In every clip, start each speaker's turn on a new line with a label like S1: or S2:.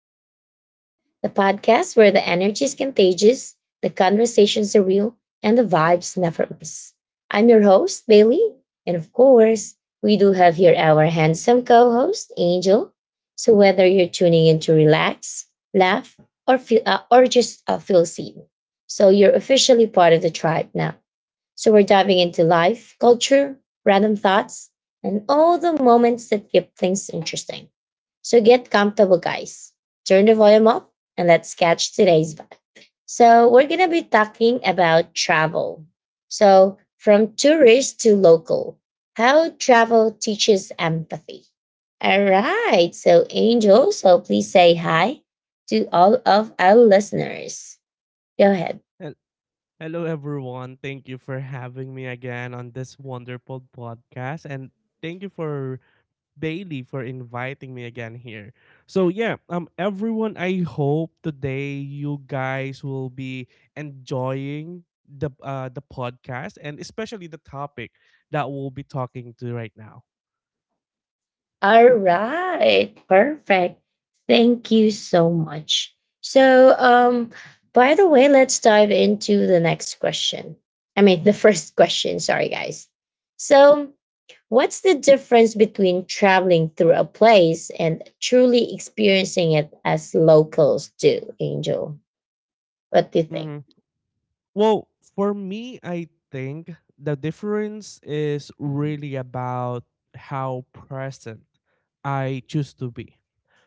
S1: to the Vibe Tribe, the podcast where the energy is contagious, the conversations are real, and the vibes never miss. I'm your host, Bailey. And of course, we do have here our handsome co host, Angel. So, whether you're tuning in to relax, laugh, or just feel seen, so you're officially part of the tribe now. So we're diving into life, culture, random thoughts, and all the moments that keep things interesting. So get comfortable, guys. Turn the volume up and let's catch today's vibe. So we're going to be talking about travel. So from tourist to local, how travel teaches empathy. All right. So Angel, so please say hi to all of our listeners. Go ahead.
S2: Hel- Hello, everyone. Thank you for having me again on this wonderful podcast. And thank you for Bailey for inviting me again here. So, yeah, everyone, I hope today you guys will be enjoying the podcast and especially the topic that we'll be talking to right now.
S1: All right, perfect. Thank you so much. So, um, by the way, let's dive into the next question. I mean, the first question. Sorry, guys. So, what's the difference between traveling through a place and truly experiencing it as locals do, Angel? What do you think?
S2: Mhm. Well, for me, I think the difference is really about how present I choose to be.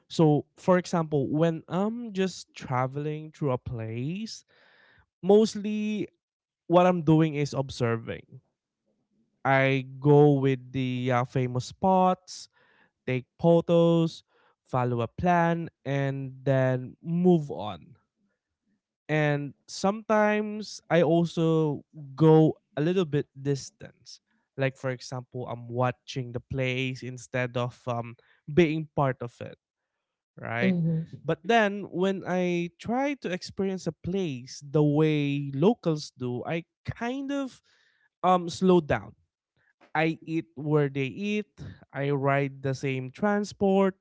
S2: So, for example, when I'm just traveling through a place, mostly what I'm doing is observing. I go with the famous spots, take photos, follow a plan, and then move on. And sometimes I also go a little bit distance. Like, for example, I'm watching the place instead of being part of it, right?
S1: Mhm.
S2: But then when I try to experience a place the way locals do, I kind of slow down. I eat where they eat, I ride the same transport,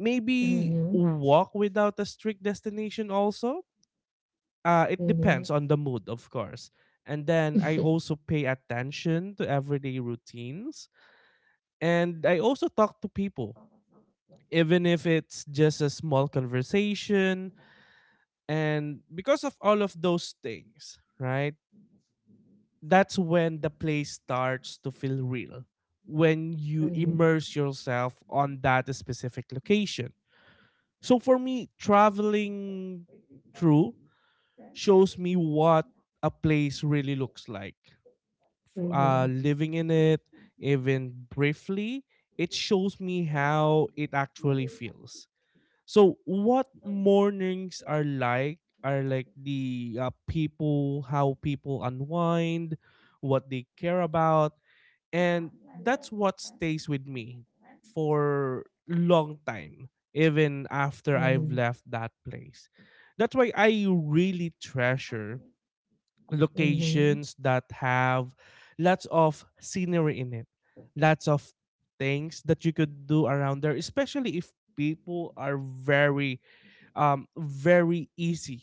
S2: maybe
S1: Mhm.
S2: walk without a strict destination also. It
S1: Mhm.
S2: depends on the mood, of course. And then I also pay attention to everyday routines, and I also talk to people even if it's just a small conversation. And because of all of those things, right? That's when the play starts to feel real, when you
S1: Mhm.
S2: immerse yourself on that specific location. So for me, traveling through shows me what a place really looks like.
S1: Mhm.
S2: Living in it, even briefly, it shows me how it actually feels. So what mornings are like the people, how people unwind, what they care about, and that's what stays with me for long time even after I've
S1: Mhm.
S2: left that place. That's why I really treasure
S1: Mhm.
S2: locations that have lots of scenery in it. Lots of things that you could do around there, especially if people are very easy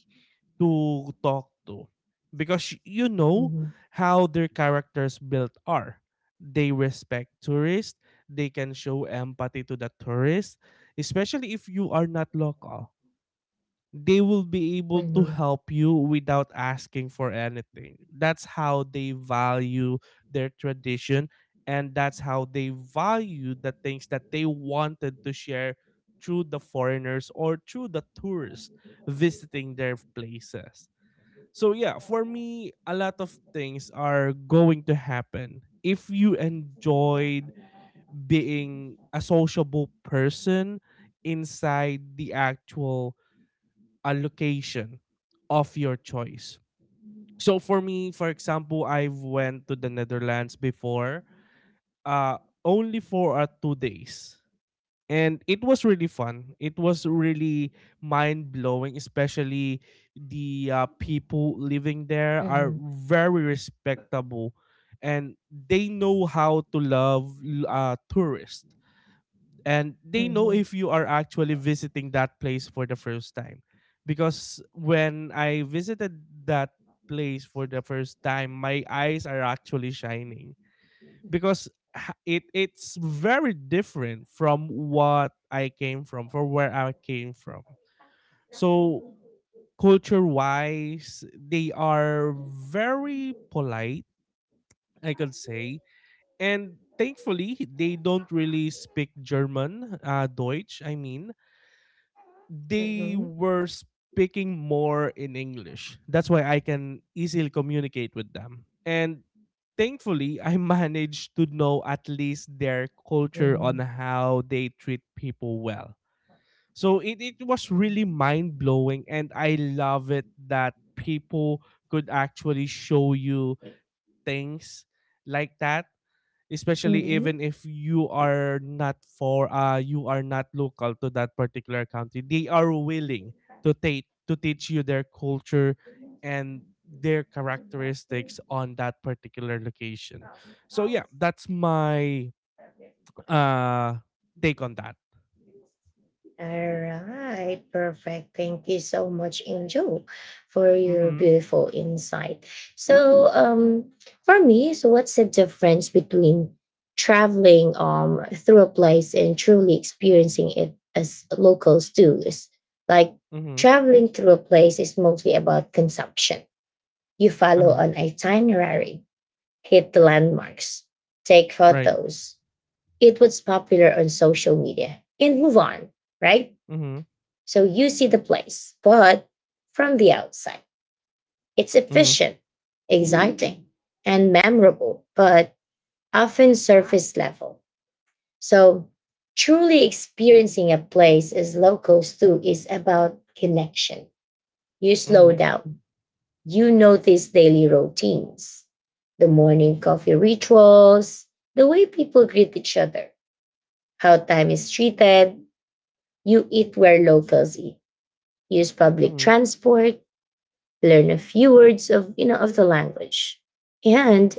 S2: to talk to, because you
S1: Mhm.
S2: know
S1: Mhm.
S2: how their characters built are. They respect tourists, they can show empathy to the tourists. Especially if you are not local, they will be able to help you without asking for anything. That's how they value their tradition, and that's how they value the things that they wanted to share through the foreigners or through the tourists visiting their places. So yeah, for me, a lot of things are going to happen if you enjoyed being a sociable person inside the actual a location of your choice. So for me, for example, I went to the Netherlands before, uh, only for 2 days, and it was really fun. It was really mind blowing, especially the people living there are
S1: Mhm.
S2: very respectable, and they know how to love tourists, and
S1: Mhm.
S2: they know
S1: Mhm.
S2: if you are actually visiting that place for the first time, because when I visited that place for the first time, my eyes are actually shining, because it's very different from what I came from where I came from. So culture wise, they are very polite, I could say. And thankfully, they don't really speak German, deutsch I mean. They were speaking more in English. That's why I can easily communicate with them. And thankfully, I managed to know at least their culture on how they treat people well. So it was really mind blowing. And I love it that people could actually show you things like that, especially
S1: Mhm.
S2: even if you are not local to that particular country. They are willing to take to teach you their culture and their characteristics on that particular location. So yeah, that's my uh take on
S1: Mhm.
S2: that.
S1: All right, perfect. Thank you so much, Angel, for your
S2: Mhm.
S1: beautiful insight. So, um, for me, so what's the difference between traveling through a place and truly experiencing it as locals do? Is like
S2: Mhm.
S1: traveling through a place is mostly about consumption. You follow
S2: Uh-huh.
S1: an itinerary, hit the landmarks, take
S2: Right.
S1: photos, it was popular on social media and move on, right?
S2: Mhm.
S1: So you see the place, but from the outside, it's
S2: Mhm.
S1: efficient, exciting, and memorable, but often surface level. So truly experiencing a place as locals do is about connection. You slow
S2: Mhm.
S1: down, you notice daily routines, the morning coffee rituals, the way people greet each other, how time is treated. You eat where locals eat, use public
S2: Mhm.
S1: transport, learn a few words of of the language, and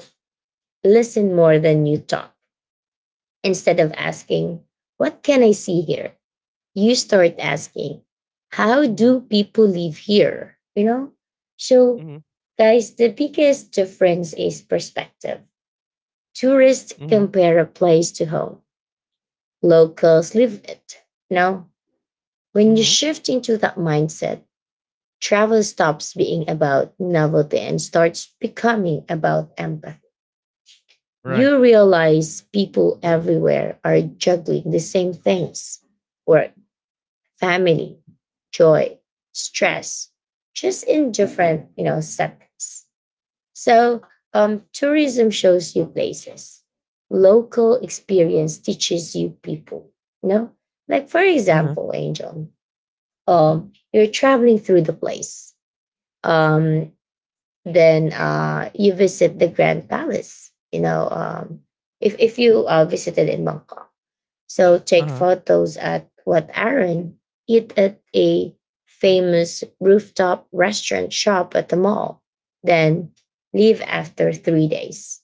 S1: listen more than you talk. Instead of asking, "What can I see here?" you start asking, "How
S2: Mhm.
S1: do people live here?" You know. So,
S2: Mhm.
S1: guys, the biggest difference is perspective. Tourists
S2: Mhm.
S1: compare a place to home. Locals live it. Now, when you
S2: Mhm.
S1: shift into that mindset, travel stops being about novelty and starts becoming about empathy.
S2: Right.
S1: You realize people everywhere are juggling the same things: work, family, joy, stress, just in different, you know, settings. So tourism shows you places. Local experience teaches you people. You know, like for
S2: Uh-huh.
S1: example, Angel, you're traveling through the place. Um, then you visit the Grand Palace. You know, if you visited in Bangkok, so take
S2: Uh-huh.
S1: photos at Wat Arun, eat at a famous rooftop restaurant, shop at the mall, then leave after 3 days.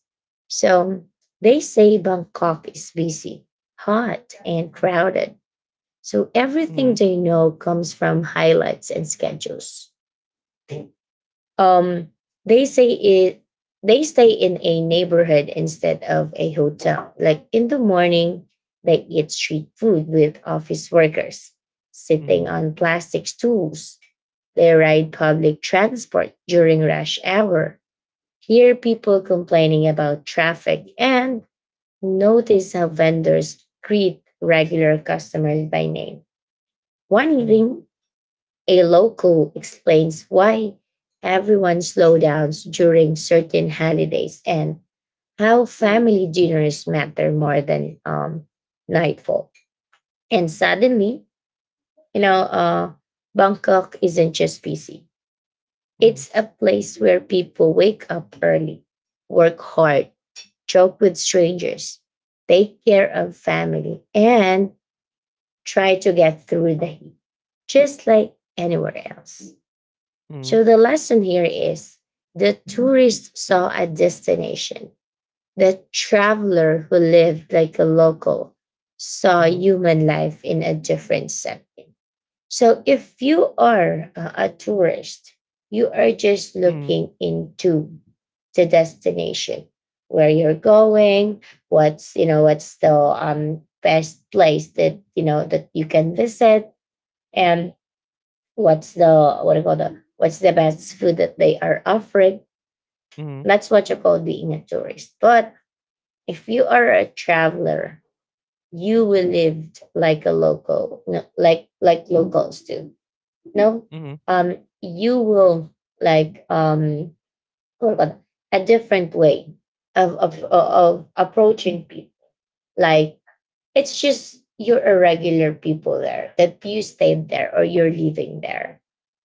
S1: So they say Bangkok is busy, hot, and crowded. So everything
S2: Mhm.
S1: they know comes from highlights and schedules. um they say it, they stay in a neighborhood instead of a hotel. Like in the morning they eat street food with office workers sitting
S2: Mhm.
S1: on plastic stools, they ride public transport during rush hour, hear people complaining about traffic, and notice how vendors greet regular customers by name. One
S2: Mhm.
S1: evening a local explains why everyone slowdowns during certain holidays and how family dinners matter more than nightfall. And suddenly, you know, Bangkok isn't just busy.
S2: Mhm.
S1: It's a place where people wake up early, work hard, joke with strangers, take care of family, and try to get through the heat, just like anywhere else.
S2: Mhm.
S1: So the lesson here is: the tourist saw a destination. The traveler who lived like a local saw human life in a different setting. So if you are a tourist, you are just
S2: Mhm.
S1: looking into the destination where you're going, what's what's the best place that you know that you can visit, and what do you call the what's the best food that they are offering.
S2: Mhm,
S1: That's what you call being a tourist. But if you are a traveler, you will live like a local, no, like locals do, no.
S2: mhm,
S1: um you will like what do you call that? A different way of, of approaching people, like it's just you're a regular people there, that you stayed there or you're living there.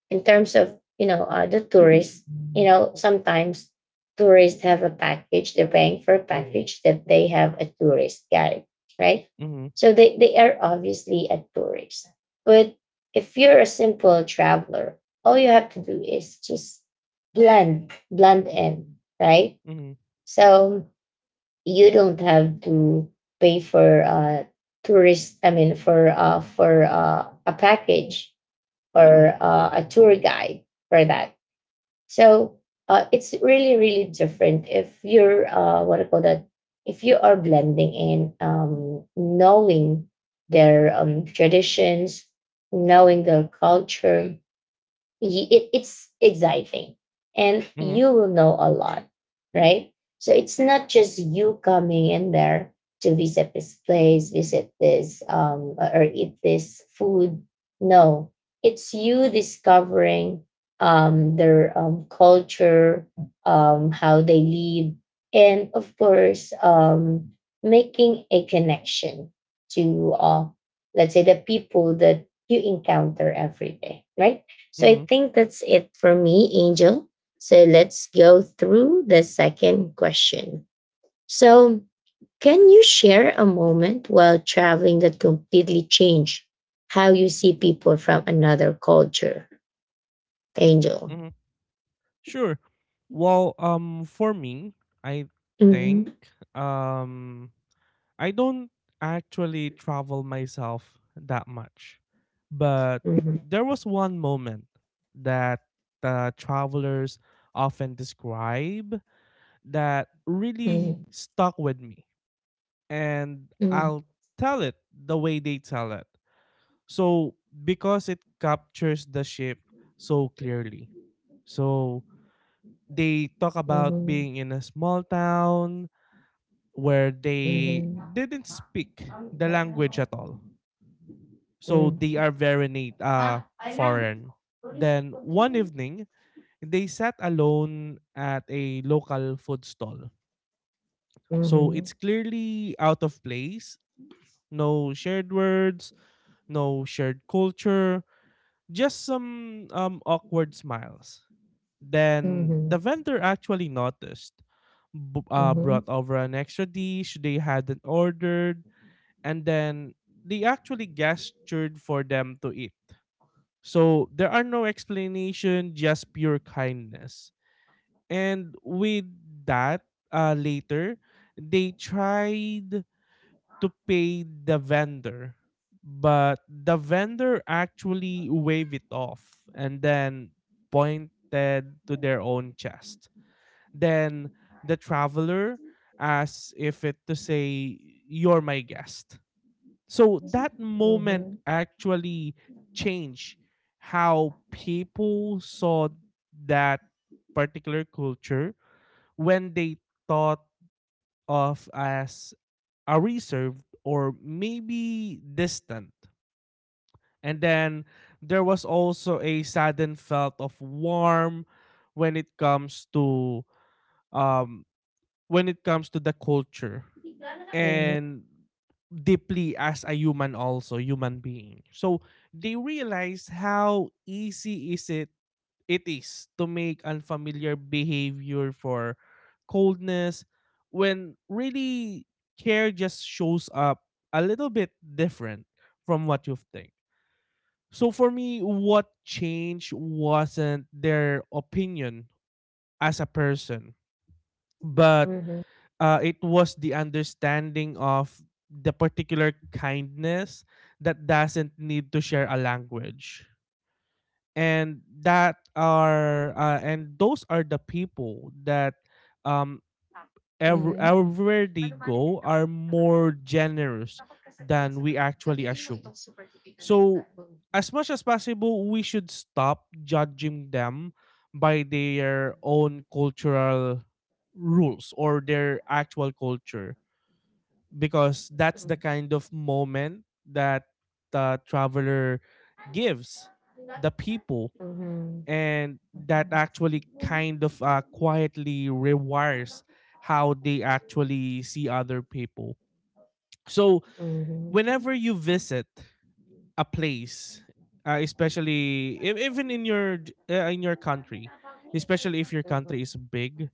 S1: In terms of you know the tourists, you know, sometimes tourists have a package, they're paying for a package, that they have a tourist guide, right?
S2: mhm,
S1: So they are obviously a tourist. But if you're a simple traveler, all you have to do is just blend in, right?
S2: mhm,
S1: So you don't have to pay for tourist, I mean for a package
S2: mhm,
S1: or a tour guide for that. So it's really, really different if you're, what I call that, if you are blending in, knowing their traditions, knowing their culture, it, it's exciting and
S2: mhm,
S1: you will know a lot, right? So it's not just you coming in there to visit this place, visit this or eat this food, no, it's you discovering their culture, how they live, and of course making a connection to let's say the people that you encounter every day, right? So I
S2: mhm.
S1: think that's it for me, Angel. So let's go through the second question. So, can you share a moment while traveling that completely changed how you see people from another culture, Angel?
S2: Mhm. Sure. Well, for me, I
S1: Mm-hmm.
S2: think, um, I don't actually travel myself that much, but
S1: Mm-hmm.
S2: there was one moment that travelers often describe that really
S1: Mm-hmm.
S2: stuck with me, and
S1: Mm-hmm.
S2: I'll tell it the way they tell it. So because it captures the ship so clearly. So they talk about
S1: Mm-hmm.
S2: being in a small town where they
S1: Mm-hmm.
S2: didn't speak the language at all. So they are very foreign. Then one evening, they sat alone at a local food stall. So it's clearly out of place. No shared words, no shared culture, just some awkward smiles. Then the vendor actually noticed,
S1: Mm-hmm.
S2: brought over an extra dish they hadn't ordered, and then they actually gestured for them to eat. So there are no explanation, just pure kindness. And with that, later, they tried to pay the vendor, but the vendor actually waved it off, and then pointed to their own chest, then the traveler, as if it to say, "You're my guest." So that moment
S1: Mm-hmm.
S2: actually changed how people saw that particular culture, when they thought of as a reserved or maybe distant. And then there was also a sudden felt of warm when it comes to um when it comes to the culture,
S1: Mhm.
S2: and deeply as a human, also human being. So they realize how easy is it it is to make unfamiliar behavior for coldness, when really care just shows up a little bit different from what you think. So for me, what changed wasn't their opinion as a person, but
S1: Mhm.
S2: it was the understanding of the particular kindness that doesn't need to share a language. And that are and those are the people that um
S1: Mhm.
S2: everywhere they go are more generous than we actually assume. So as much as possible, we should stop judging them by their own cultural rules or their actual culture, because that's the
S1: Mhm.
S2: kind of moment that the traveler gives the people,
S1: Mhm.
S2: and that actually kind of quietly rewires how they actually see other people. So
S1: Mhm. Mhm.
S2: whenever you visit a place, especially even in your country, especially if your country is big,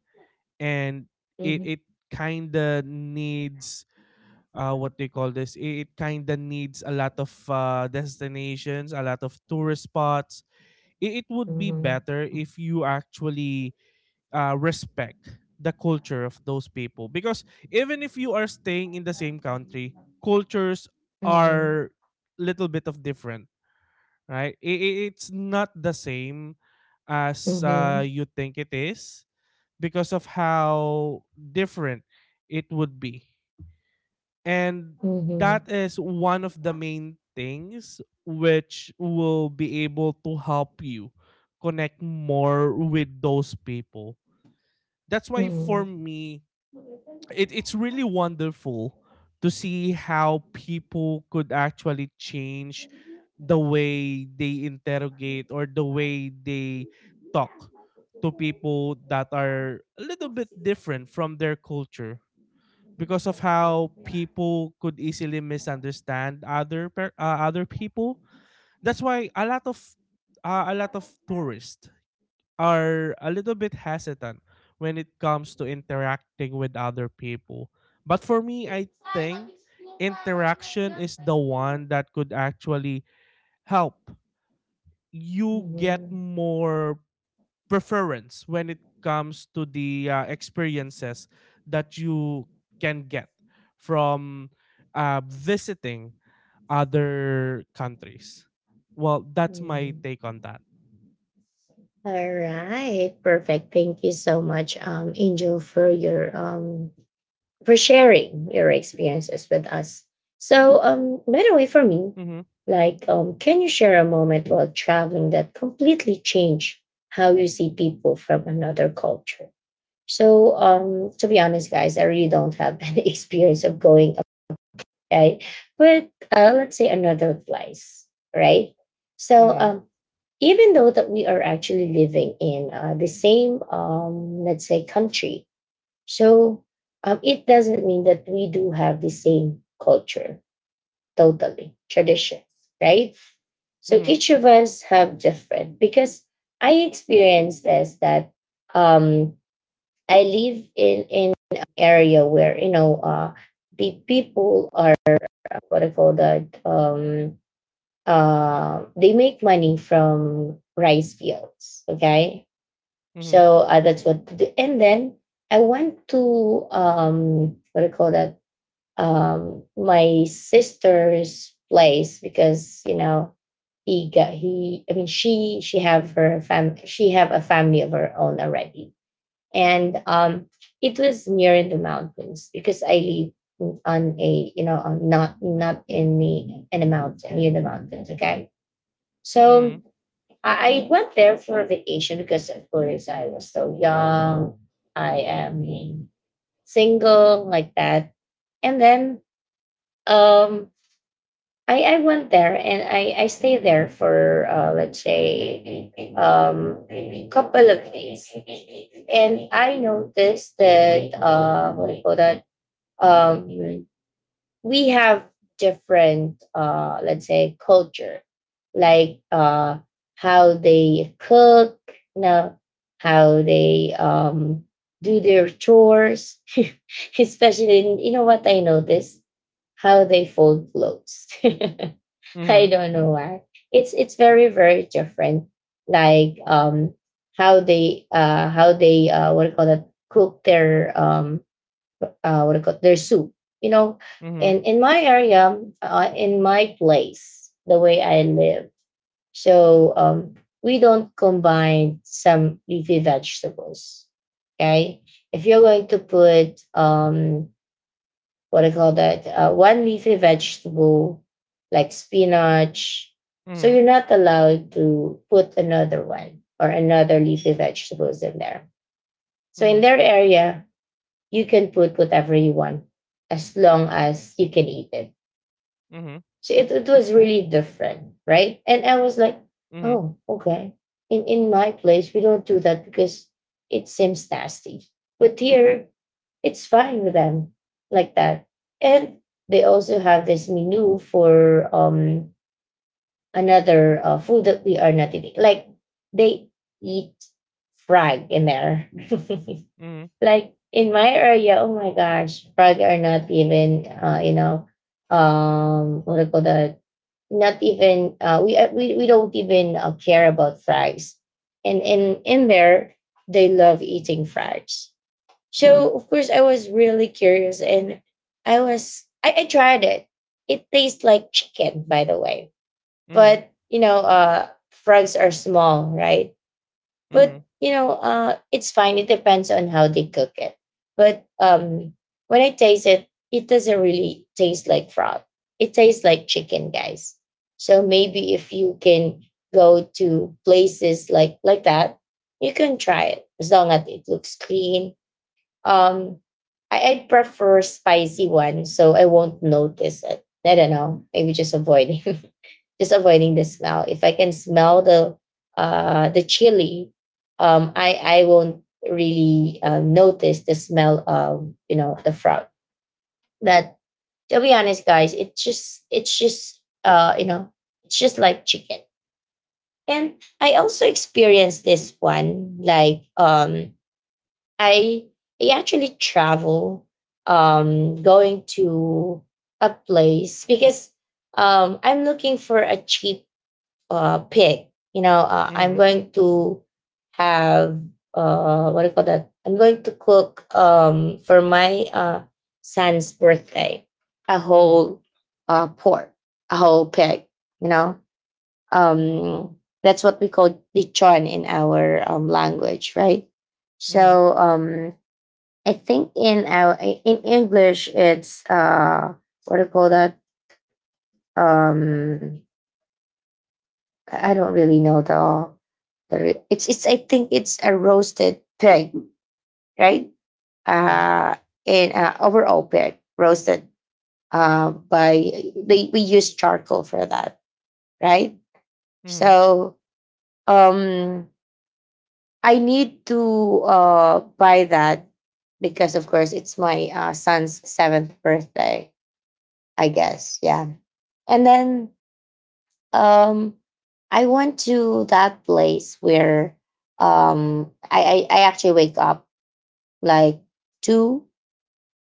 S2: and it kind of needs what they call this, I- it kind of needs a lot of destinations, a lot of tourist spots. It would be
S1: Mhm.
S2: better if you actually respect the culture of those people, because even if you are staying in the same country, cultures
S1: Mhm.
S2: are little bit of different, right? It's not the same as
S1: Mhm.
S2: you think it is, because of how different it would be. And that is one of the main things which will be able to help you connect more with those people. That's why for me, it's really wonderful to see how people could actually change the way they interrogate or the way they talk to people that are a little bit different from their culture, because of how people could easily misunderstand other people. That's why a lot of tourists are a little bit hesitant when it comes to interacting with other people. But for me, I think interaction is the one that could actually help you get
S1: Mhm.
S2: more preference when it comes to the experiences that you can get from visiting other countries. Well, that's my
S1: Mhm.
S2: take on that.
S1: All right, perfect. Thank you so much, Angel, for your for sharing your experiences with us. So, by the way, for me,
S2: Mhm.
S1: like, can you share a moment while traveling that completely changed how you see people from another culture? So, to be honest, guys, I really don't have any experience of going, okay, but let's say another place, right? So,
S2: Mhm.
S1: even though that we are actually living in the same let's say country, so it doesn't mean that we do have the same culture, totally traditions, right? So
S2: Mhm.
S1: each of us have different, because I experienced this that um, I live in an area where you know the people are what I call that they make money from rice fields. Okay,
S2: Mhm.
S1: so that's what to do. And then I went to what do you call that? My sister's place, because you know he got he. I mean, she have her fam she have a family of her own already, and it was near in the mountains, because I live on a you know on not in the in the mountain near the mountains. Okay, so I went there for a vacation because, of course, I was so young. I am single, like that. And then um, I went there and I stayed there for, let's say, couple of days. And I noticed that, what do you call that? Um, we have different let's say culture, like how they cook, no, how they do their chores, especially in, you know what I notice, how they fold clothes. I
S2: Mhm.
S1: don't know why, it's very different. Like how they what do you call that, cook their what do you call, their soup. You know,
S2: Mhm.
S1: and in my area, in my place, the way I live, so we don't combine some leafy vegetables. Okay, if you're going to put what do you call that? One leafy vegetable like spinach, so you're not allowed to put another one or another leafy vegetables in there. So
S2: Mhm.
S1: in their area, you can put whatever you want as long as you can eat it.
S2: Mhm.
S1: So it was really different, right? And I was like,
S2: Mhm.
S1: oh, okay. In my place, we don't do that because it seems nasty. But here, it's fine with them like that. And they also have this menu for another food that we are not eating. Like they eat frog in there.
S2: Mhm.
S1: Like in my area, oh my gosh, probably are not even you know, what do you call that? Not even we don't even care about fries, and in there they love eating fries. So of course I was really curious, and I tried it. It tastes like chicken, by the way,
S2: Mhm.
S1: but you know, frogs are small, right? But
S2: Mhm.
S1: you know, it's fine. It depends on how they cook it. But when I taste it, it doesn't really taste like frog. It tastes like chicken, guys. So maybe if you can go to places like that, you can try it as long as it looks clean. Um, I prefer spicy one, so I won't notice it. I don't know. Maybe just avoiding. Just avoiding the smell. If I can smell the chili, I won't really notice the smell of the frog. But to be honest, guys, it's just it's just like chicken. And I also experienced this one. I I actually travel going to a place because I'm looking for a cheap pig. I'm
S2: Mhm.
S1: going to have what do you call that? I'm going to cook for my son's birthday a whole pork, a whole pig. You know,
S2: Mhm.
S1: um, that's what we call lechon in our language, right?
S2: Mhm.
S1: So um, I think in our in English it's what do you call that? Um, I don't really know it's I think it's a roasted pig, right?
S2: Mhm.
S1: Uh, and overall pig roasted by we use charcoal for that, right?
S2: Mhm.
S1: So um, I need to buy that because of course it's my son's seventh birthday, I guess. Yeah, and then Um, I went to that place where I actually wake up like two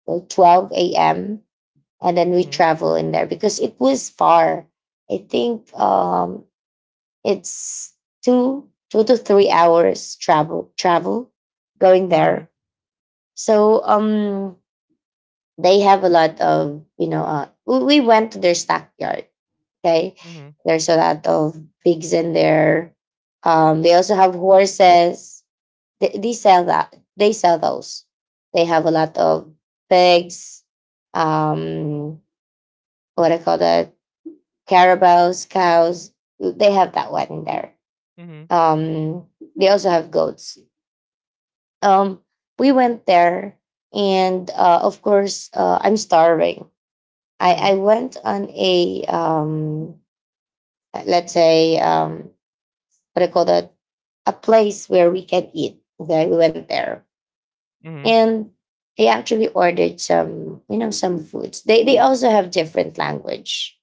S1: or twelve a.m., and then
S2: Mhm.
S1: we
S2: Mhm. Mhm.
S1: travel in there because it was far. I think it's 2 to 3 hours travel going
S2: Mhm.
S1: there. So they have a lot of we went to their stockyard. Okay.
S2: Mhm.
S1: There's a lot of pigs in there. They also have horses. They sell that. They sell those. They have a lot of pigs. Um, what I call that? Carabaos, cows. They have that one in there.
S2: Mhm. Mhm.
S1: Um, they also have goats. Um, we went there, and of course, I'm starving. I,
S2: Mhm.
S1: I went on a let's say what I call that, a place where we can eat. Okay, we went there,
S2: Mhm.
S1: and I actually ordered some, some foods. They also have different language,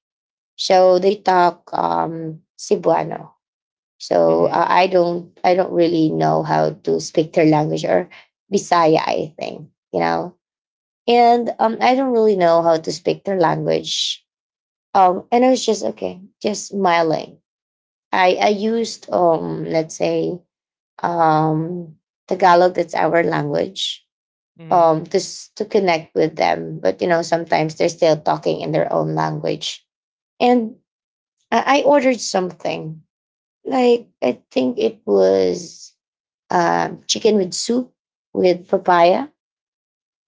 S1: so they talk Cebuano. So
S2: Mhm.
S1: uh, I don't I don't really know how to speak their language, or Bisaya, I think, you know, and I don't really know how to speak their language. And I was just okay, just smiling. I used let's say um Tagalog, that's our language,
S2: Mhm.
S1: just to connect with them. But sometimes they're still talking in their own language, and I ordered something like I think it was chicken with soup with papaya.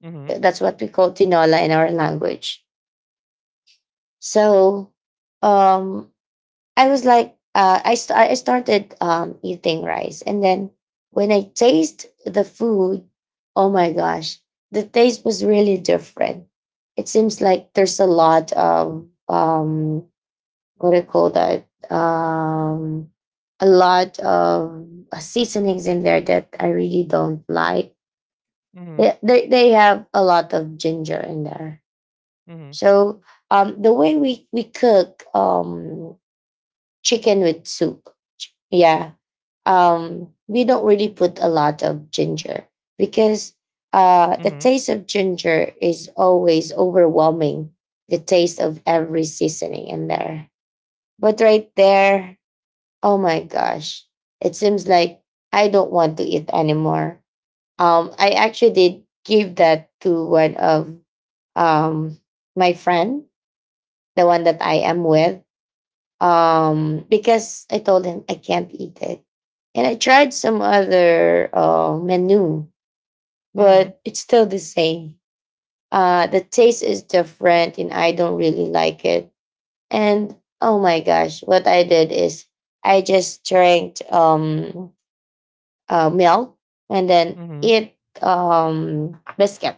S2: Mhm.
S1: That's what we call tinola in our language. so um I was like, I st- I started eating rice, and then when I taste the food, oh my gosh, the taste was really different. It seems like there's a lot of what do you call that? A lot of seasonings in there that I really don't like.
S2: Mhm,
S1: They have a lot of ginger in there,
S2: mhm,
S1: so the way we cook chicken with soup. Yeah, we don't really put a lot of ginger because the
S2: mhm,
S1: taste of ginger is always overwhelming the taste of every seasoning in there. But right there, oh my gosh, it seems like I don't want to eat anymore. I actually did give that to one of um, my friend, the one that I am with, because I told him I can't eat it. And I tried some other menu,
S2: mhm,
S1: but it's still the same. The taste is different, and I don't really like it. And oh my gosh, what I did is I just drank milk and then
S2: mhm,
S1: eat biscuit.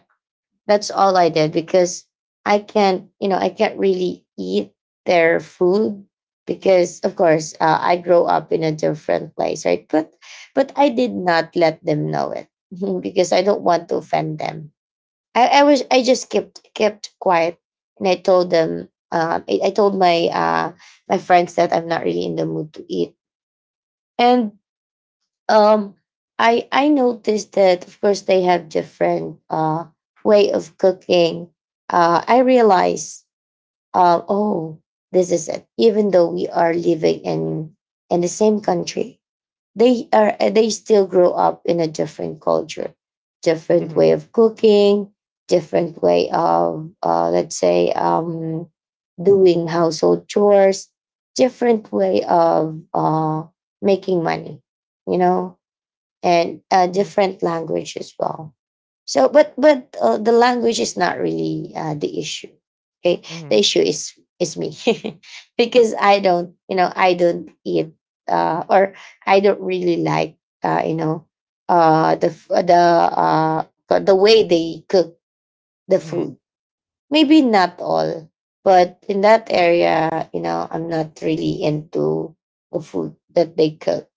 S1: That's all I did because I can't, I can't really eat their food because, of course, I grow up in a different place, right? But I did not let them know it because I don't want to offend them. I just kept quiet, and I told them, I told my my friends that I'm not really in the mood to eat, and um, I noticed that of course they have different way of cooking. I realize, oh, this is it. Even though we are living in the same country, they are they still grow up in a different culture, different
S2: mhm,
S1: way of cooking, different way of let's say doing household chores, different way of making money. You know, and
S2: mhm,
S1: different language as well. So, but the language is not really the issue. Okay, the
S2: mhm,
S1: issue is me because I don't, I don't eat or I don't really like, you know, the f- the way they cook the
S2: mhm,
S1: food. Maybe not all, but in that area, I'm not really into the food that they cook,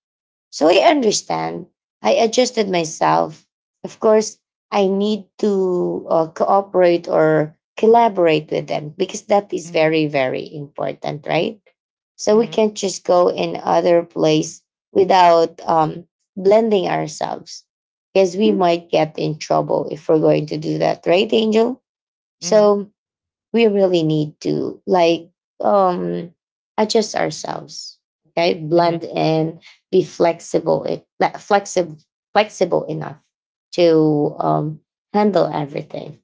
S1: so I understand. I adjusted myself. Of course, I need to cooperate or collaborate with them because that is
S2: mhm,
S1: very, very important, right? So we
S2: mhm,
S1: can't just go in other place without blending ourselves because we might get in trouble if we're going to do that, right, Angel?
S2: mhm,
S1: So we really need to like um adjust ourselves, okay,
S2: mhm.
S1: blend in, be flexible, it flexible flexible enough to handle everything.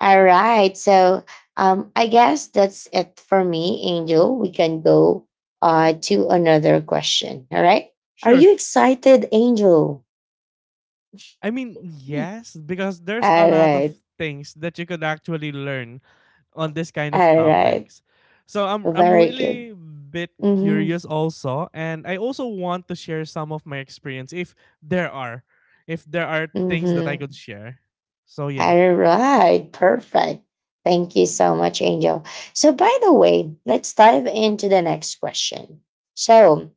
S1: All right, so I guess that's it for me, Angel. We can go to another question. All right, are
S2: Sure.
S1: you excited, Angel?
S2: I mean, yes, because there's a
S1: All
S2: lot of
S1: right.
S2: things that you could actually learn on this kind of
S1: All right,
S2: topics. So I'm
S1: very good.
S2: really bit
S1: Mm-hmm.
S2: curious also, and I also want to share some of my experience there are if there are things that I could
S1: Mm-hmm.
S2: share. So yeah.
S1: All right, perfect. Thank you so much, Angel. So, by the way, let's dive into the next question. So,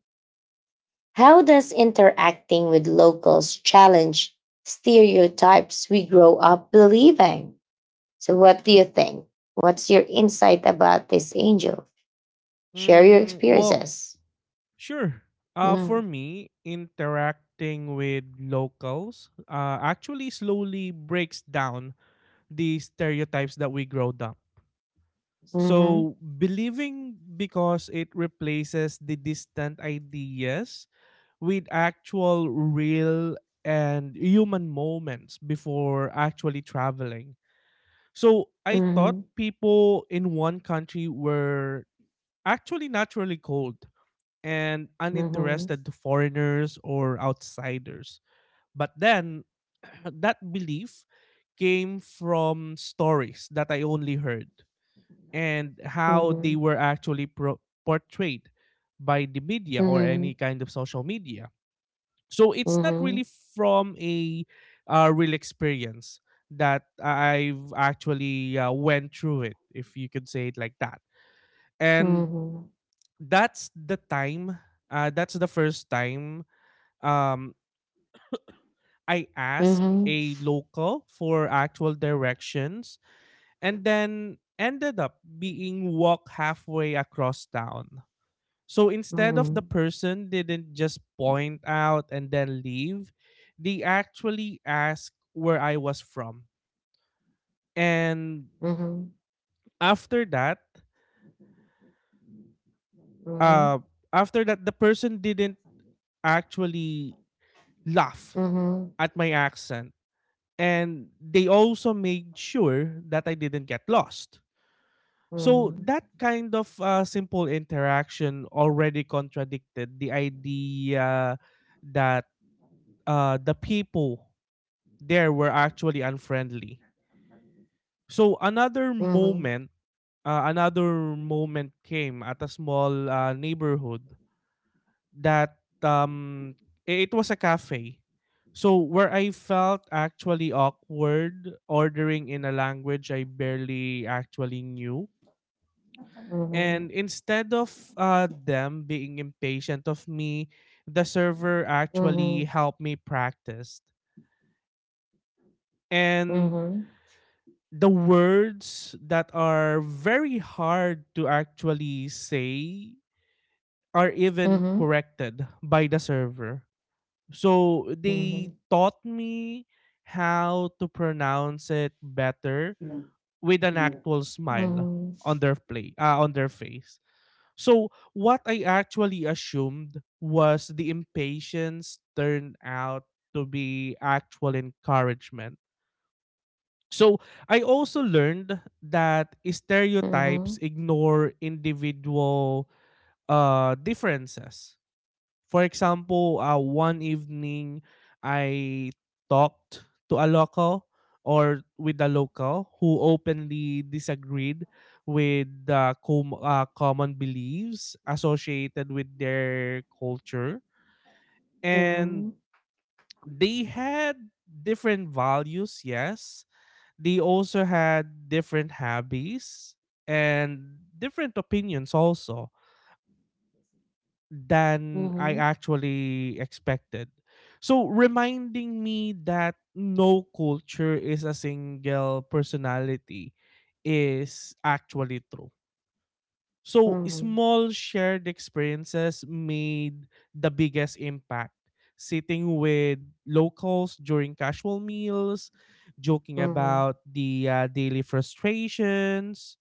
S1: how does interacting with locals challenge stereotypes we grow up believing? So, what do you think? What's your insight about this, Angel? Share your
S2: Mm, well,
S1: experiences.
S2: Sure. For
S1: Mm,
S2: me, interacting with locals actually slowly breaks down the stereotypes that we grow up.
S1: mhm,
S2: So, believing, because it replaces the distant ideas with actual, real, and human moments before actually traveling. So, I thought
S1: mhm,
S2: people in one country were actually naturally cold and
S1: mhm,
S2: uninterested to foreigners or outsiders. But then that belief came from stories that I only heard and how they
S1: mhm,
S2: were actually portrayed by the media or any
S1: mhm,
S2: kind of social media. So it's not
S1: mhm,
S2: really from a real experience that I've actually went through it, if you could say it like that. And
S1: mhm,
S2: that's the time, that's the first time um I asked
S1: mhm,
S2: a local for actual directions, and then ended up being walked halfway across town. So instead of the
S1: mhm,
S2: person didn't just point out and then leave, they actually asked where I was from. And
S1: mhm,
S2: after that,
S1: mhm.
S2: uh the person didn't actually laugh
S1: Mhm,
S2: at my accent, and they also made sure that I didn't get lost. So
S1: mhm,
S2: that kind of simple interaction already contradicted the idea that the people there were actually unfriendly. So another
S1: mhm,
S2: moment, another moment came at a small neighborhood that um, it was a cafe, so where I felt actually awkward ordering in a language I barely actually knew.
S1: mhm,
S2: And instead of them being impatient of me, the server
S1: mhm,
S2: actually
S1: mhm,
S2: helped me practice. And
S1: mhm,
S2: the words that are very hard to actually say are even
S1: mhm,
S2: corrected by the server. So they
S1: mhm,
S2: taught me how to pronounce it better with an actual smile
S1: mhm,
S2: on their face. So what I actually assumed was the impatience turned out to be actual encouragement. So I also learned that stereotypes
S1: mhm,
S2: ignore individual differences. For example, one evening I talked to a local, or with a local who openly disagreed with the common beliefs associated with their culture. And
S1: mhm,
S2: they had different values, yes. They also had different hobbies and different opinions also
S1: mhm,
S2: than I
S1: mhm,
S2: actually expected. So reminding me that no culture is a single personality is actually true. So small shared experiences made the biggest impact. Sitting with locals during casual meals, joking
S1: mhm, mhm,
S2: about the daily frustrations,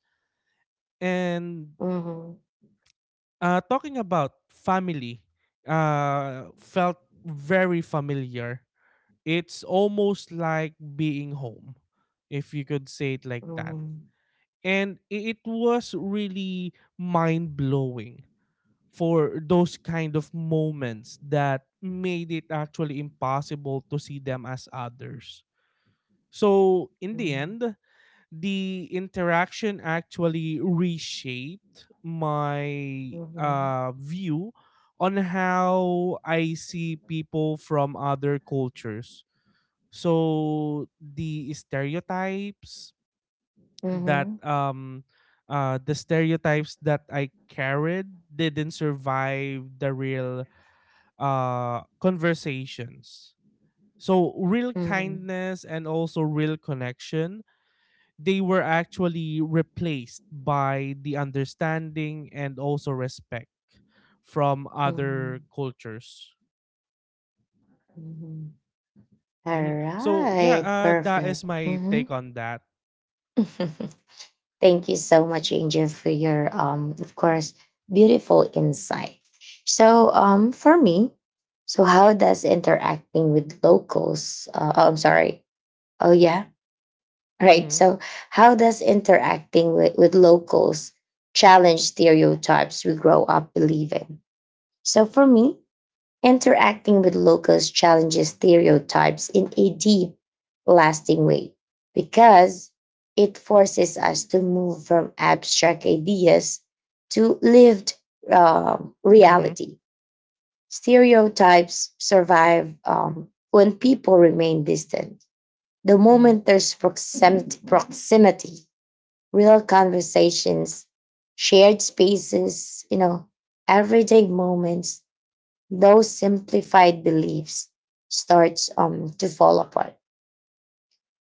S2: and
S1: mhm,
S2: Talking about family felt very familiar. It's almost like being home, if you could say it like that. And it was really mind blowing, for those kind of moments that made it actually impossible to see them as others. So, in the end, the interaction actually reshaped my
S1: mhm, mhm,
S2: view on how I see people from other cultures. So that um the stereotypes that I carried didn't survive the real conversations. So real
S1: mhm,
S2: kindness and also real connection, they were actually replaced by the understanding and also respect from other
S1: mhm.
S2: cultures.
S1: All
S2: Mhm. So yeah,
S1: right,
S2: that is
S1: perfect.
S2: my
S1: Mm-hmm.
S2: take on that.
S1: Thank you so much, Angel, for your of course, beautiful insight. So, for me, so how does interacting with locals? Oh, I'm sorry. Oh, yeah, right.
S2: Mm-hmm.
S1: So, how does interacting with locals challenge stereotypes we grow up believing? So, for me, interacting with locals challenges stereotypes in a deep, lasting way because it forces us to move from abstract ideas to lived
S2: Mm-hmm.
S1: reality. Stereotypes survive when people remain distant. The moment there's proximity, real conversations, shared spaces, everyday moments, those simplified beliefs starts to fall apart.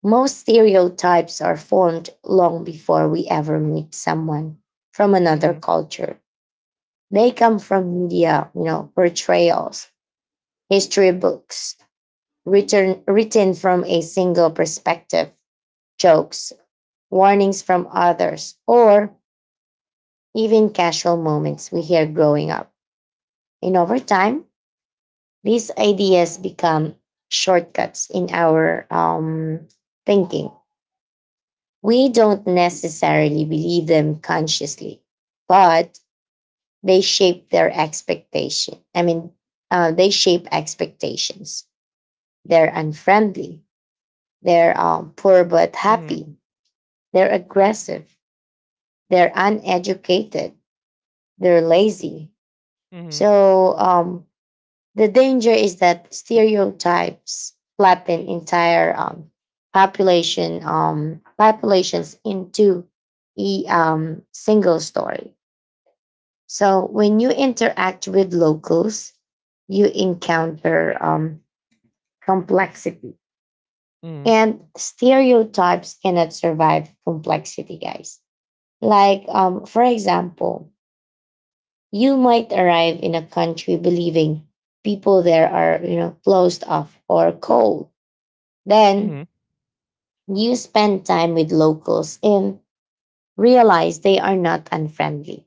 S1: Most stereotypes are formed long before we ever meet someone from another
S2: Mm-hmm.
S1: culture. They come from media, portrayals, history books, written from a single perspective, jokes, warnings from others, or even casual moments we hear growing up. And over time, these ideas become shortcuts in our thinking. We don't necessarily believe them consciously, but they shape their expectation. They shape expectations. They're unfriendly. They're poor but
S2: Mm-hmm.
S1: happy. They're aggressive. They're uneducated. They're lazy.
S2: Mm-hmm.
S1: So um, The danger is that stereotypes flatten entire population populations into a single story. So when you interact with locals, you encounter complexity,
S2: Mm-hmm.
S1: and stereotypes cannot survive complexity, guys. Like, for example, you might arrive in a country believing people there are, closed off or cold. Then
S2: Mm-hmm.
S1: you spend time with locals and realize they are not unfriendly.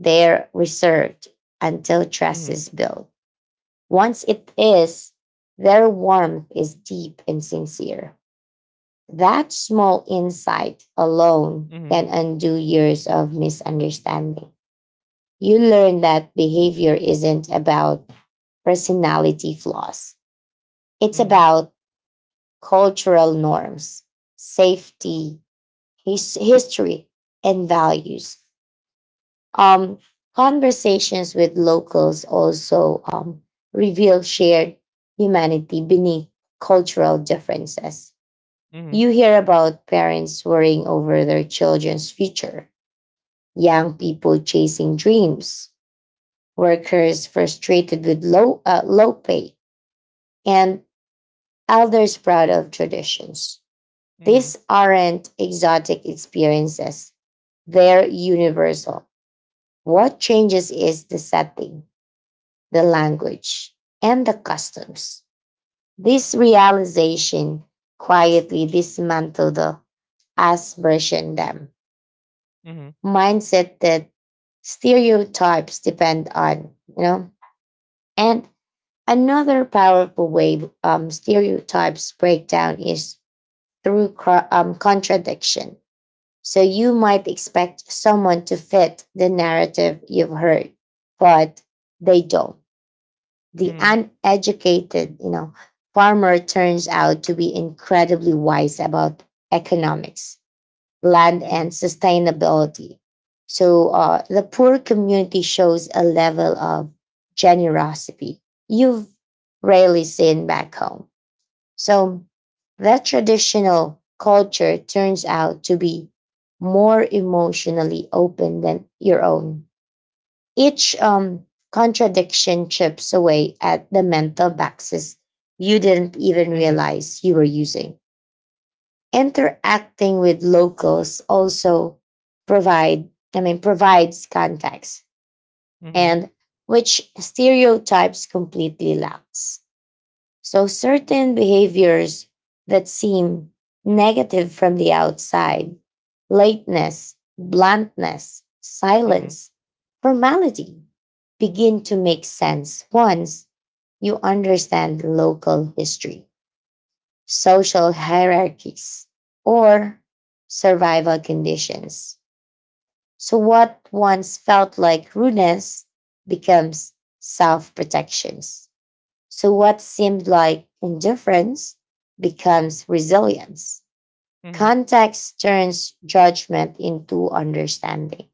S1: They're reserved until trust
S2: Mm-hmm.
S1: is built. Once it is, their warmth is deep and sincere. That small insight alone
S2: Mm-hmm.
S1: can undo years of misunderstanding. You learn that behavior isn't about personality flaws, it's
S2: Mm-hmm.
S1: about cultural norms, safety, his history, and values. Um, conversations with locals also reveal shared humanity beneath cultural differences.
S2: Mm-hmm.
S1: You hear about parents worrying over their children's future, young people chasing dreams, workers frustrated with low pay, and elders proud of traditions.
S2: Mm-hmm.
S1: These aren't exotic experiences, they're universal. What changes is the setting, the language, and the customs. This realization quietly dismantled the aspersion dam
S2: Mm-hmm.
S1: mindset that stereotypes depend on, you know. And another powerful way stereotypes break down is through contradiction. So you might expect someone to fit the narrative you've heard, but they don't. The
S2: Mm-hmm.
S1: uneducated, farmer turns out to be incredibly wise about economics, land, and sustainability. So the poor community shows a level of generosity you've rarely seen back home. So that traditional culture turns out to be more emotionally open than your own. Each contradiction chips away at the mental boxes you didn't even
S2: Mm-hmm. Mm-hmm.
S1: realize you were using. Interacting with locals also provide, provides context
S2: Mm-hmm.
S1: and which stereotypes completely lacks. So, certain behaviors that seem negative from the outside — lateness, bluntness,
S2: Mm-hmm.
S1: silence, formality — begin to make sense once you understand local history, social hierarchies, or survival conditions. So, what once felt like rudeness becomes self protections. So, what seemed like indifference becomes resilience.
S2: Mm-hmm. Mm-hmm.
S1: Context turns judgment into understanding.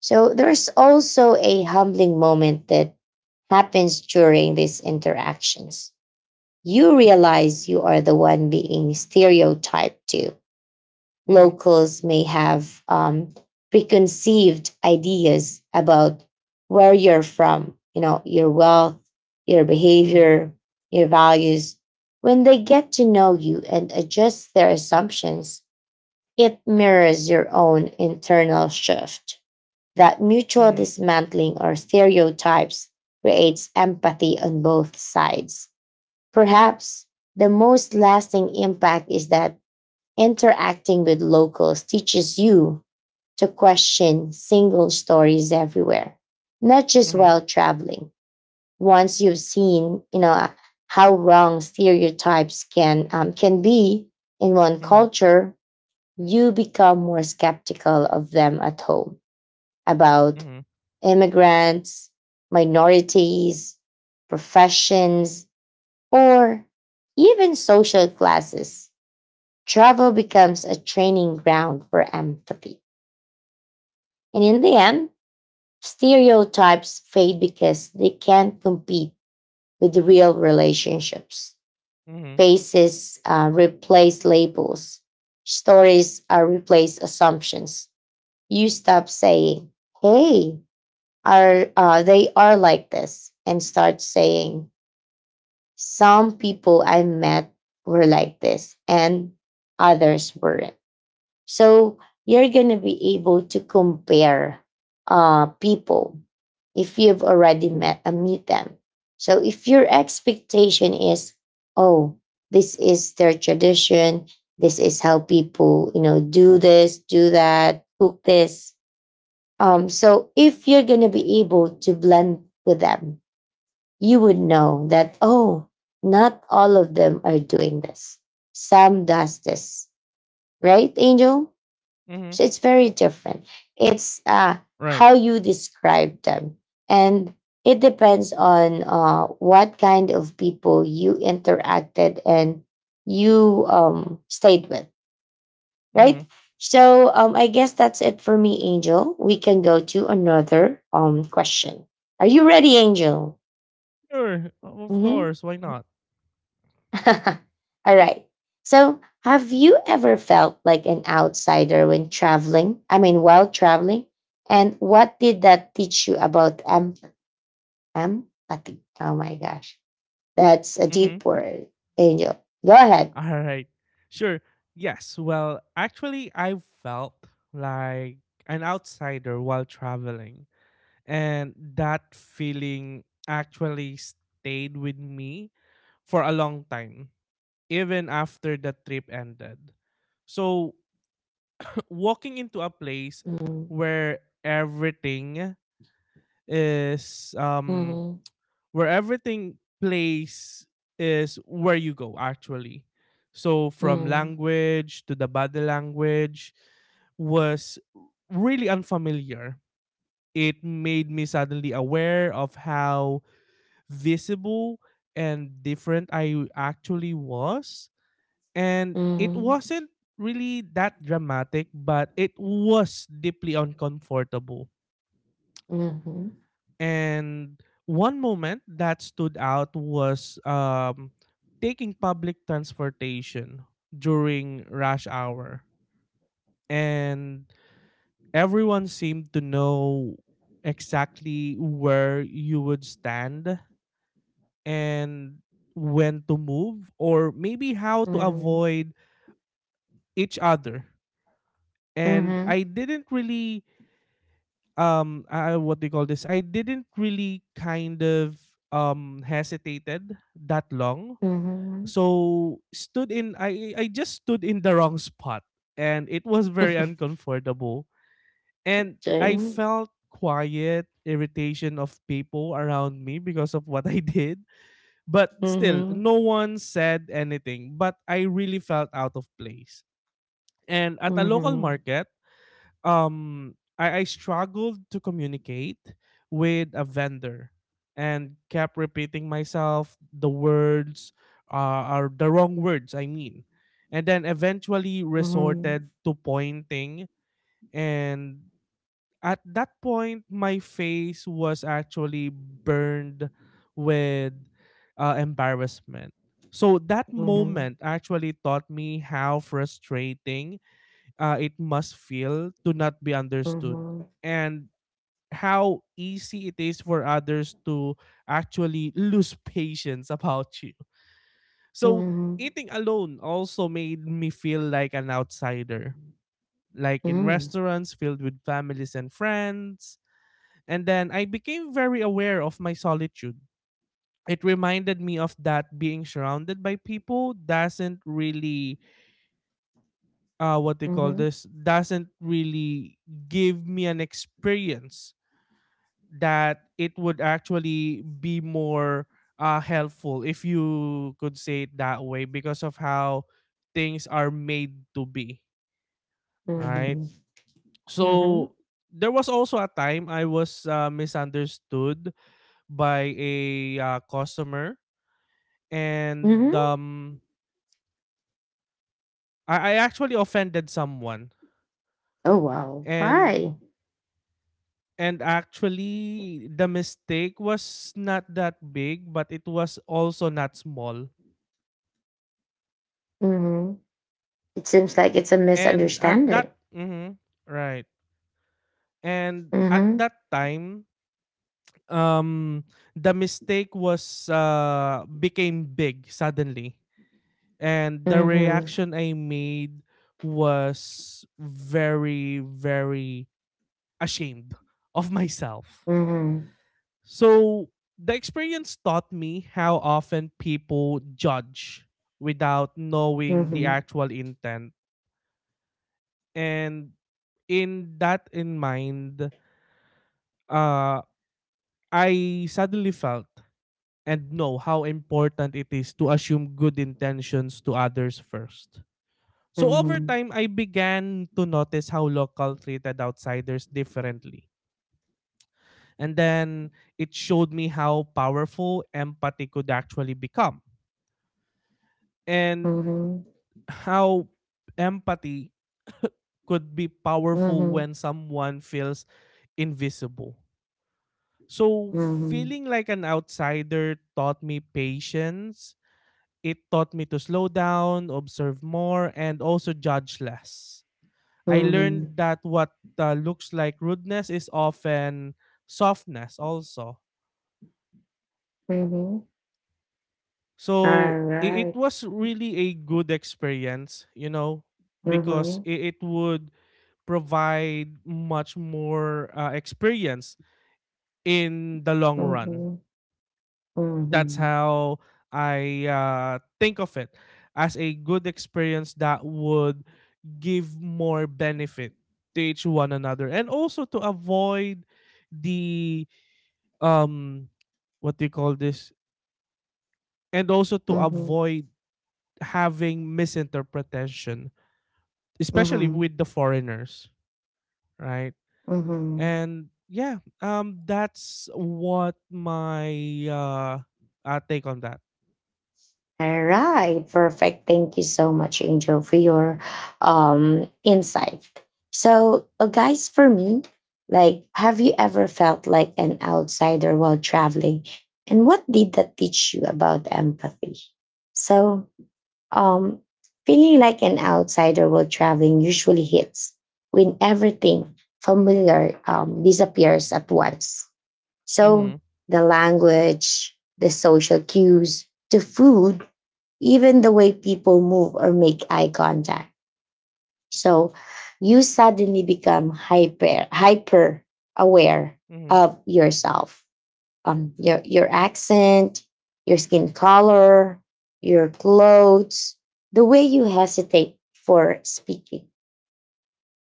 S1: So, there's also a humbling moment that happens during these interactions. You realize you are the one being stereotyped to.
S2: Mm-hmm.
S1: Locals may have preconceived ideas about where you're from, you know, your wealth, your
S2: Mm-hmm.
S1: behavior, your values. When they get to know you and adjust their assumptions, it mirrors your own internal shift. That
S2: Mm-hmm.
S1: mutual
S2: Mm-hmm.
S1: dismantling or stereotypes creates empathy on both sides. Perhaps the most lasting impact is that interacting with locals teaches you to question single stories everywhere, not just
S2: Mm-hmm.
S1: while traveling. Once you've seen, you know, how wrong stereotypes can be in one culture, you become more skeptical of them at home about
S2: Mm-hmm.
S1: immigrants, minorities, professions, or even social classes. Travel becomes a training ground for empathy. And in the end, stereotypes fade because they can't compete with real relationships.
S2: Mm-hmm.
S1: Faces replace labels, stories replace assumptions. You stop saying, "Hey, are they are like this," and start saying, "Some people I met were like this and others weren't." So you're going to be able to compare people if you've already met meet them. So if your expectation is, "Oh, this is their tradition, this is how people, you know, do this, do that, cook this." So if you're going to be able to blend with them, you would know that, oh, not all of them are doing this. Sam does this, right, Angel?
S2: Mm-hmm.
S1: So it's very different. It's
S2: Right.
S1: how you describe them. And it depends on what kind of people you interacted and you stayed with, right?
S2: Mm-hmm.
S1: So I guess that's it for me, Angel. We can go to another question. Are you ready, Angel?
S2: Sure, of
S1: Mm-hmm.
S2: course. Why not?
S1: All right. So, have you ever felt like an outsider when traveling? I mean, while traveling? And what did that teach you about empathy? Oh my gosh. That's a
S2: Mm-hmm.
S1: deep word, Angel. Go ahead.
S2: All right. Sure. Yes. Well, actually, I felt like an outsider while traveling, and that feeling actually stayed with me for a long time, even after the trip ended. So, walking into a place
S1: Mm,
S2: where everything is
S1: mhm,
S2: where everything plays is where you go actually. So from
S1: mm,
S2: language to the body language was really unfamiliar. It made me suddenly aware of how visible and different I actually was. And it
S1: mhm,
S2: wasn't really that dramatic, but it was deeply uncomfortable.
S1: mhm,
S2: And one moment that stood out was taking public transportation during rush hour. And everyone seemed to know exactly where you would stand and when to move, or maybe how to
S1: mhm,
S2: avoid each other. And
S1: mhm,
S2: I didn't really what do you call this, I didn't really kind of hesitated that long.
S1: mhm.
S2: So, stood in I just stood in the wrong spot and it was very uncomfortable, and I
S1: Okay.
S2: felt quiet irritation of people around me because of what I did, but still
S1: Mhm,
S2: no one said anything, but I really felt out of place. And at a local
S1: mhm,
S2: market, I struggled to communicate with a vendor and kept repeating myself the words are the wrong words I mean, and then eventually
S1: mhm,
S2: resorted to pointing, and at that point my face was actually burned with embarrassment. So that
S1: mhm,
S2: moment actually taught me how frustrating it must feel to not be
S1: mhm,
S2: understood,
S1: mhm,
S2: and how easy it is for others to actually lose patience about you. So
S1: mhm,
S2: eating alone also made me feel like an outsider, like in restaurants filled with families and friends. And then I became very aware of my solitude. It reminded me of that being surrounded by people doesn't really what they call
S1: mhm.
S2: this, doesn't really give me an experience that it would actually be more helpful, if you could say it that way, because of how things are made to be, right?
S1: Mhm.
S2: So
S1: Mhm.
S2: there was also a time I was misunderstood by a customer, and
S1: Mhm.
S2: I actually offended someone.
S1: Oh wow.
S2: and
S1: Hi.
S2: And actually, the mistake was not that big, but it was also not small.
S1: Mhm. It seems like it's a
S2: And at that,
S1: misunderstanding.
S2: mhm, right. And at
S1: Mhm.
S2: that time, um, the mistake was became big suddenly, and the
S1: Mhm.
S2: reaction I made was very, very ashamed of myself.
S1: Mhm.
S2: So the experience taught me how often people judge without knowing the
S1: Mhm.
S2: actual intent. And in that in mind, uh, I suddenly felt and know how important it is to assume good intentions to others first. So over
S1: Mhm.
S2: time, I began to notice how local treated outsiders differently. And then it showed me how powerful empathy could actually become. And
S1: Mhm.
S2: how empathy could be powerful
S1: Mhm.
S2: when someone feels invisible. So,
S1: Mhm.
S2: feeling like an outsider taught me patience. It taught me to slow down, observe more, and also judge less. I
S1: Mhm.
S2: learned that what looks like rudeness is often softness, also.
S1: Mhm. All
S2: So, it
S1: right.
S2: was really a good experience, you know, because
S1: Mhm.
S2: it would provide much more experience in the long run.
S1: Mhm.
S2: That's
S1: Mhm.
S2: how I think of it as a good experience that would give more benefit to each one another, and also to avoid the um what do you call this and also to
S1: Mhm.
S2: avoid having misinterpretation, especially
S1: Mhm.
S2: with the foreigners, right?
S1: Mhm.
S2: And yeah, that's what my take on that.
S1: All right, perfect. Thank you so much, Angel, for your insight. So, guys, for me, like, have you ever felt like an outsider while traveling, and what did that teach you about empathy? So, um, feeling like an outsider while traveling usually hits when everything familiar disappears at once. So,
S2: Mhm.
S1: the language, the social cues, the food, even the way people move or make eye contact. So you suddenly become hyper aware
S2: Mhm.
S1: of yourself, your accent, your skin color, your clothes, the way you hesitate for speaking.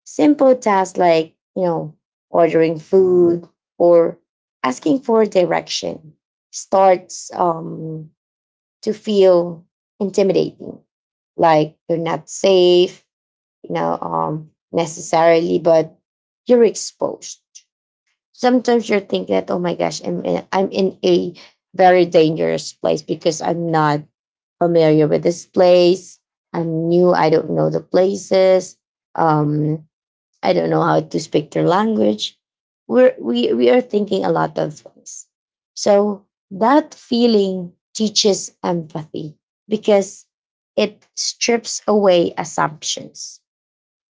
S1: Simple tasks, like, you know, ordering food or asking for direction starts to feel intimidating, like you're not safe, you know, necessarily, but you're exposed. Sometimes you're thinking that, oh my gosh, I'm in a very dangerous place because I'm not familiar with this place. I'm new. I don't know the places. Um, I don't know how to speak their language. We are thinking a lot of things. So that feeling teaches empathy because it strips away assumptions.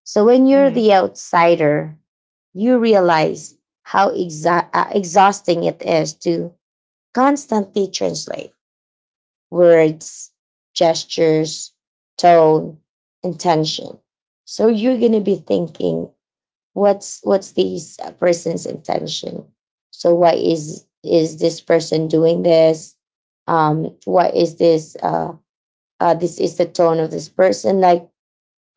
S1: So when you're
S2: Mhm.
S1: the outsider, you realize how exhausting it is to constantly translate words, gestures, tone, intention. So you're going to be thinking, what's this person's intention, so why is this person doing this, what is this this is the tone of this person, like,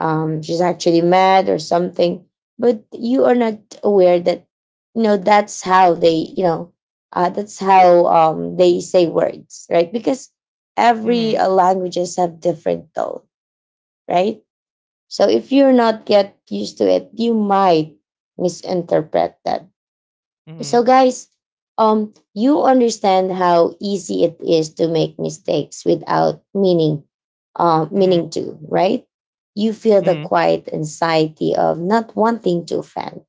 S1: she's actually mad or something, but you are not aware that, you know, that's how they, you know, that's how they say words, right? Because every
S2: Mhm.
S1: languages have different tone, right? So if you're not get used to it, you might misinterpret that. So
S2: Mhm.
S1: guys, you understand how easy it is to make mistakes without meaning to, right? You feel the
S2: Mhm.
S1: quiet anxiety of not wanting to offend,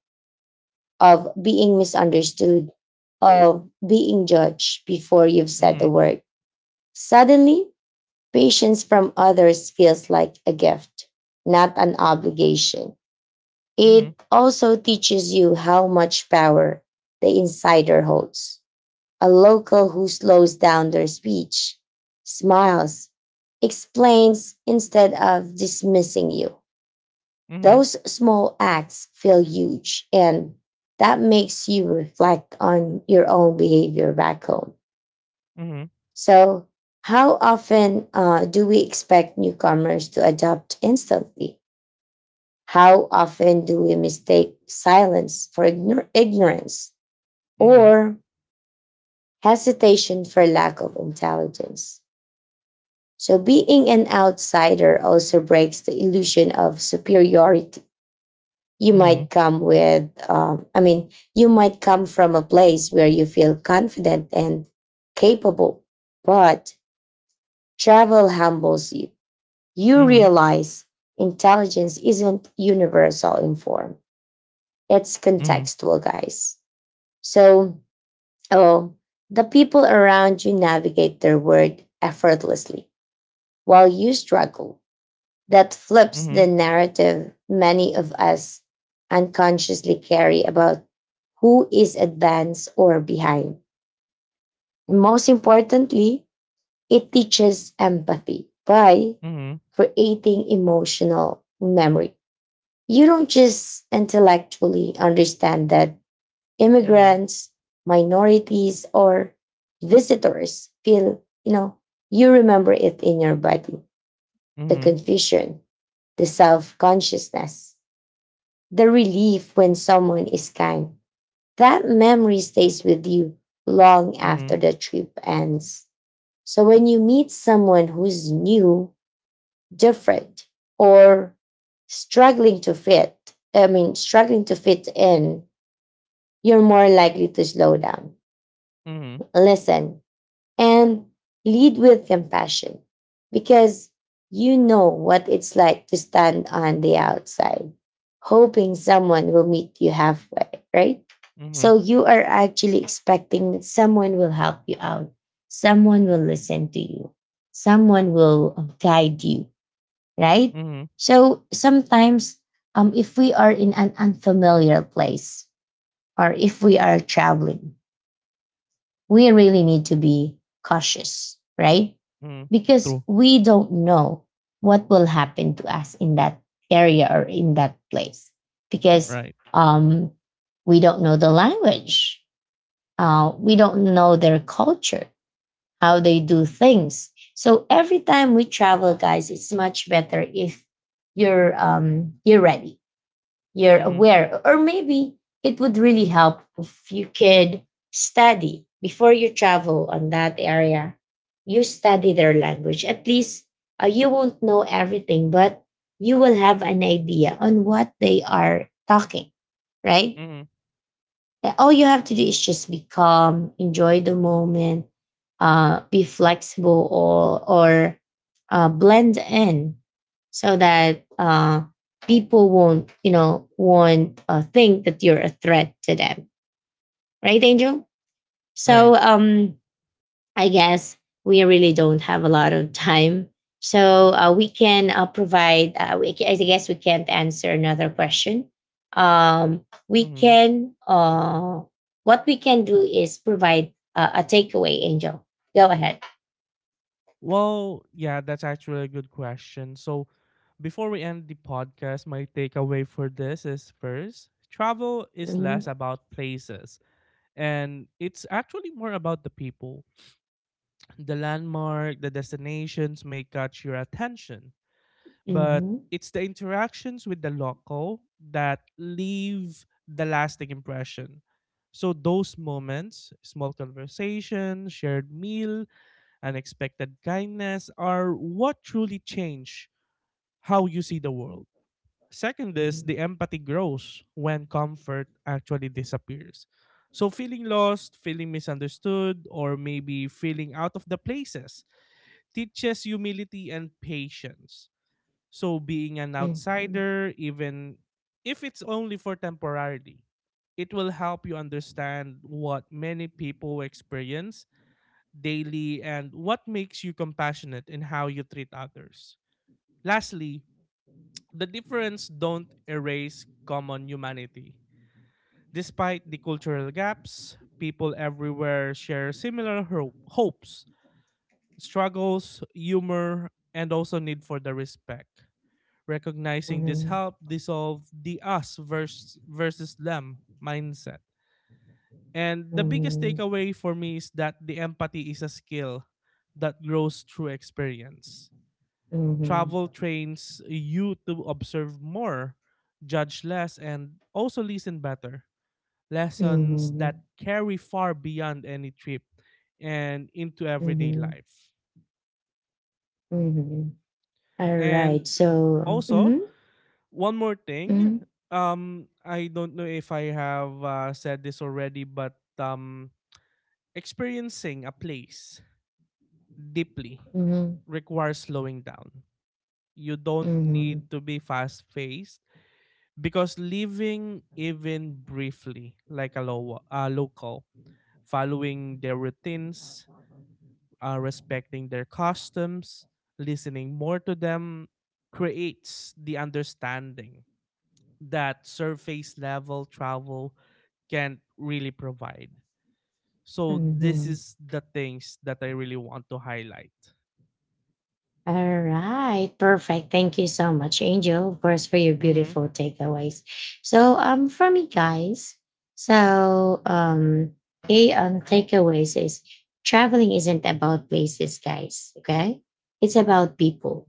S1: of being misunderstood, of being judged before you've said the
S2: Mhm.
S1: word. Suddenly, patience from others feels like a gift, not an obligation.
S2: Mhm.
S1: It also teaches you how much power the insider holds. A local who slows down their speech, smiles, explains instead of dismissing you.
S2: Mhm.
S1: Those small acts feel huge, and that makes you reflect on your own behavior back home.
S2: Mhm.
S1: So, how often do we expect newcomers to adapt instantly? How often do we mistake silence for ignorance
S2: Mhm.
S1: or hesitation for lack of intelligence? So, being an outsider also breaks the illusion of superiority. You
S2: Mhm.
S1: might come with, I mean, you might come from a place where you feel confident and capable, but travel humbles you. You
S2: Mhm.
S1: realize intelligence isn't universal in form, it's
S2: Mhm.
S1: contextual, guys. So, oh, the people around you navigate their world effortlessly while you struggle. That
S2: Mhm.
S1: flips
S2: Mhm.
S1: the narrative many of us unconsciously carry about who is advanced or behind. And most importantly, it teaches empathy by creating emotional memory. You don't just intellectually understand that
S2: Mhm.
S1: immigrants, minorities, or visitors feel, you know, you remember it in your body — the
S2: Mhm.
S1: confusion, the self consciousness, the relief when someone is kind. That memory stays with you long
S2: Mhm. Mhm.
S1: after
S2: Mhm.
S1: the trip ends. So when you meet someone who's new, different, or struggling to fit, I mean, struggling to fit in, you're more likely to slow down, listen, and lead with compassion because you know what it's like to stand on the outside, hoping someone will meet you halfway, right?
S2: Mhm.
S1: So you are actually expecting that someone will help you out, someone will listen to you, someone will guide you, right?
S2: Mhm.
S1: So sometimes, if we are in an unfamiliar place or if we are traveling, we really need to be cautious, right?
S2: Mhm.
S1: Because
S2: True.
S1: we don't know what will happen to us in that area or in that place because,
S2: Right.
S1: um, we don't know the language. We don't know their culture, how they do things. So every time we travel, guys, it's much better if you're ready, you're
S2: Mhm.
S1: aware. Or maybe it would really help if you could study before you travel on that area. You study their language. At least you won't know everything, but you will have an idea on what they are talking, right?
S2: Mhm.
S1: Yeah, all you have to do is just be calm, enjoy the moment, be flexible or blend in so that people won't, you know, won't think that you're a threat to them, right, Angel? So
S2: Right.
S1: I guess we really don't have a lot of time. So we can I guess we can't answer another question. We
S2: Mhm.
S1: can, what we can do is provide a takeaway, Angel. Go ahead.
S2: Well, yeah, that's actually a good question. So, before we end the podcast, my takeaway for this is: first, travel is
S1: Mhm,
S2: less about places, and it's actually more about the people. The landmark, the destinations may catch your attention, but
S1: mhm,
S2: it's the interactions with the local that leave the lasting impression. So, those moments, small conversation, shared meal, unexpected kindness are what truly change how you see the world. Second is
S1: mhm,
S2: the empathy grows when comfort actually disappears. So feeling lost, feeling misunderstood, or maybe feeling out of the places teaches humility and patience. So being an outsider, even if it's only for temporarily, it will help you understand what many people experience daily, and what makes you compassionate in how you treat others. Lastly, the difference don't erase common humanity. Despite the cultural gaps, people everywhere share similar hopes, struggles, humor, and also need for the respect. Recognizing this
S1: mhm,
S2: help dissolve the us versus, versus them mindset. And the
S1: mhm,
S2: biggest
S1: mhm,
S2: takeaway for me is that the empathy is a skill that grows through experience. Travel trains you to observe more, judge less, and also listen better.
S1: mhm,
S2: Lessons that
S1: mhm,
S2: carry far beyond any trip and into everyday
S1: mhm,
S2: life.
S1: mhm. All right.
S2: And
S1: So,
S2: also,
S1: mhm,
S2: one more thing.
S1: mhm,
S2: I don't know if I have said this already, but experiencing a place deeply
S1: mhm,
S2: requires slowing down. You don't
S1: mhm,
S2: need to be fast paced, because living even briefly like a local, following their routines, respecting their customs, listening more to them creates the understanding that surface level travel can really provide. So this
S1: mhm.
S2: is the things that I really want to highlight.
S1: All right, perfect. Thank you so much, Angel, of course, for your
S2: Mhm.
S1: beautiful takeaways. So, for me, guys, so okay, takeaways is traveling isn't about places, guys. Okay, it's about people.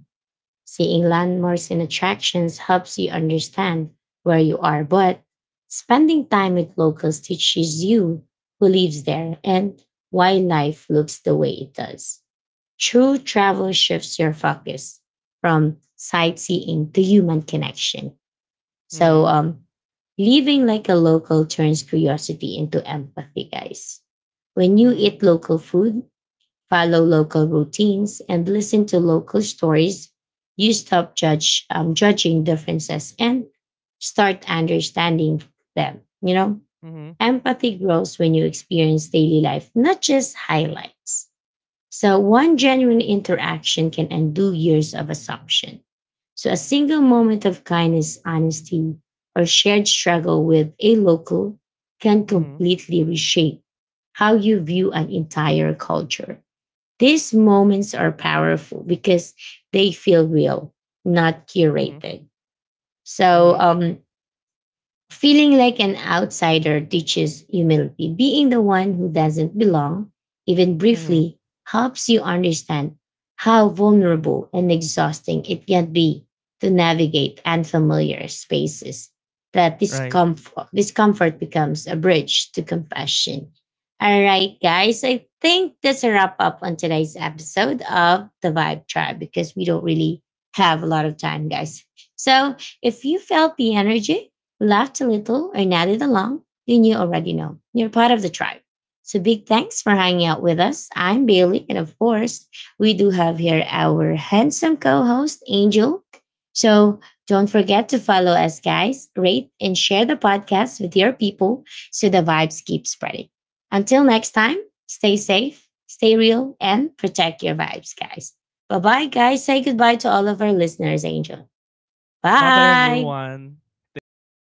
S1: Seeing landmarks and attractions helps you understand where you are, but spending time with locals teaches you who lives there and why life looks the way it does. True travel shifts your focus from sightseeing to human connection. So,
S2: Mhm.
S1: living like a local turns curiosity into empathy, guys. When you
S2: Mhm.
S1: eat local food, follow local routines, and listen to local stories, you stop judge judging differences and start understanding them. You know,
S2: Mhm.
S1: empathy grows when you experience daily life, not just highlights. So, one genuine interaction can undo years of assumption. So, a single moment of kindness, honesty, or shared struggle with a local can
S2: Mhm.
S1: completely reshape how you view an entire culture. These moments are powerful because they feel real, not
S2: Mhm.
S1: curated. So,
S2: Mhm.
S1: feeling like an outsider teaches humility. Being the one who doesn't belong, even
S2: Mhm.
S1: briefly, helps you understand how vulnerable and exhausting it can be to navigate unfamiliar spaces. That
S2: Right.
S1: discomfort becomes a bridge to compassion. All right, guys, I think that's a wrap up on today's episode of The Vibe Tribe because we don't really have a lot of time, guys. So if you felt the energy, laughed a little, or nodded along, then you already know. You're part of the tribe. So big thanks for hanging out with us. I'm Bailey, and of course, we do have here our handsome co-host, Angel. So don't forget to follow us, guys, rate and share the podcast with your people so the vibes keep spreading. Until next time, stay safe, stay real, and protect your vibes, guys. Bye bye, guys. Say goodbye to all of our listeners, Angel.
S2: Bye bye
S1: Bye.
S2: everyone. Thank you for listening.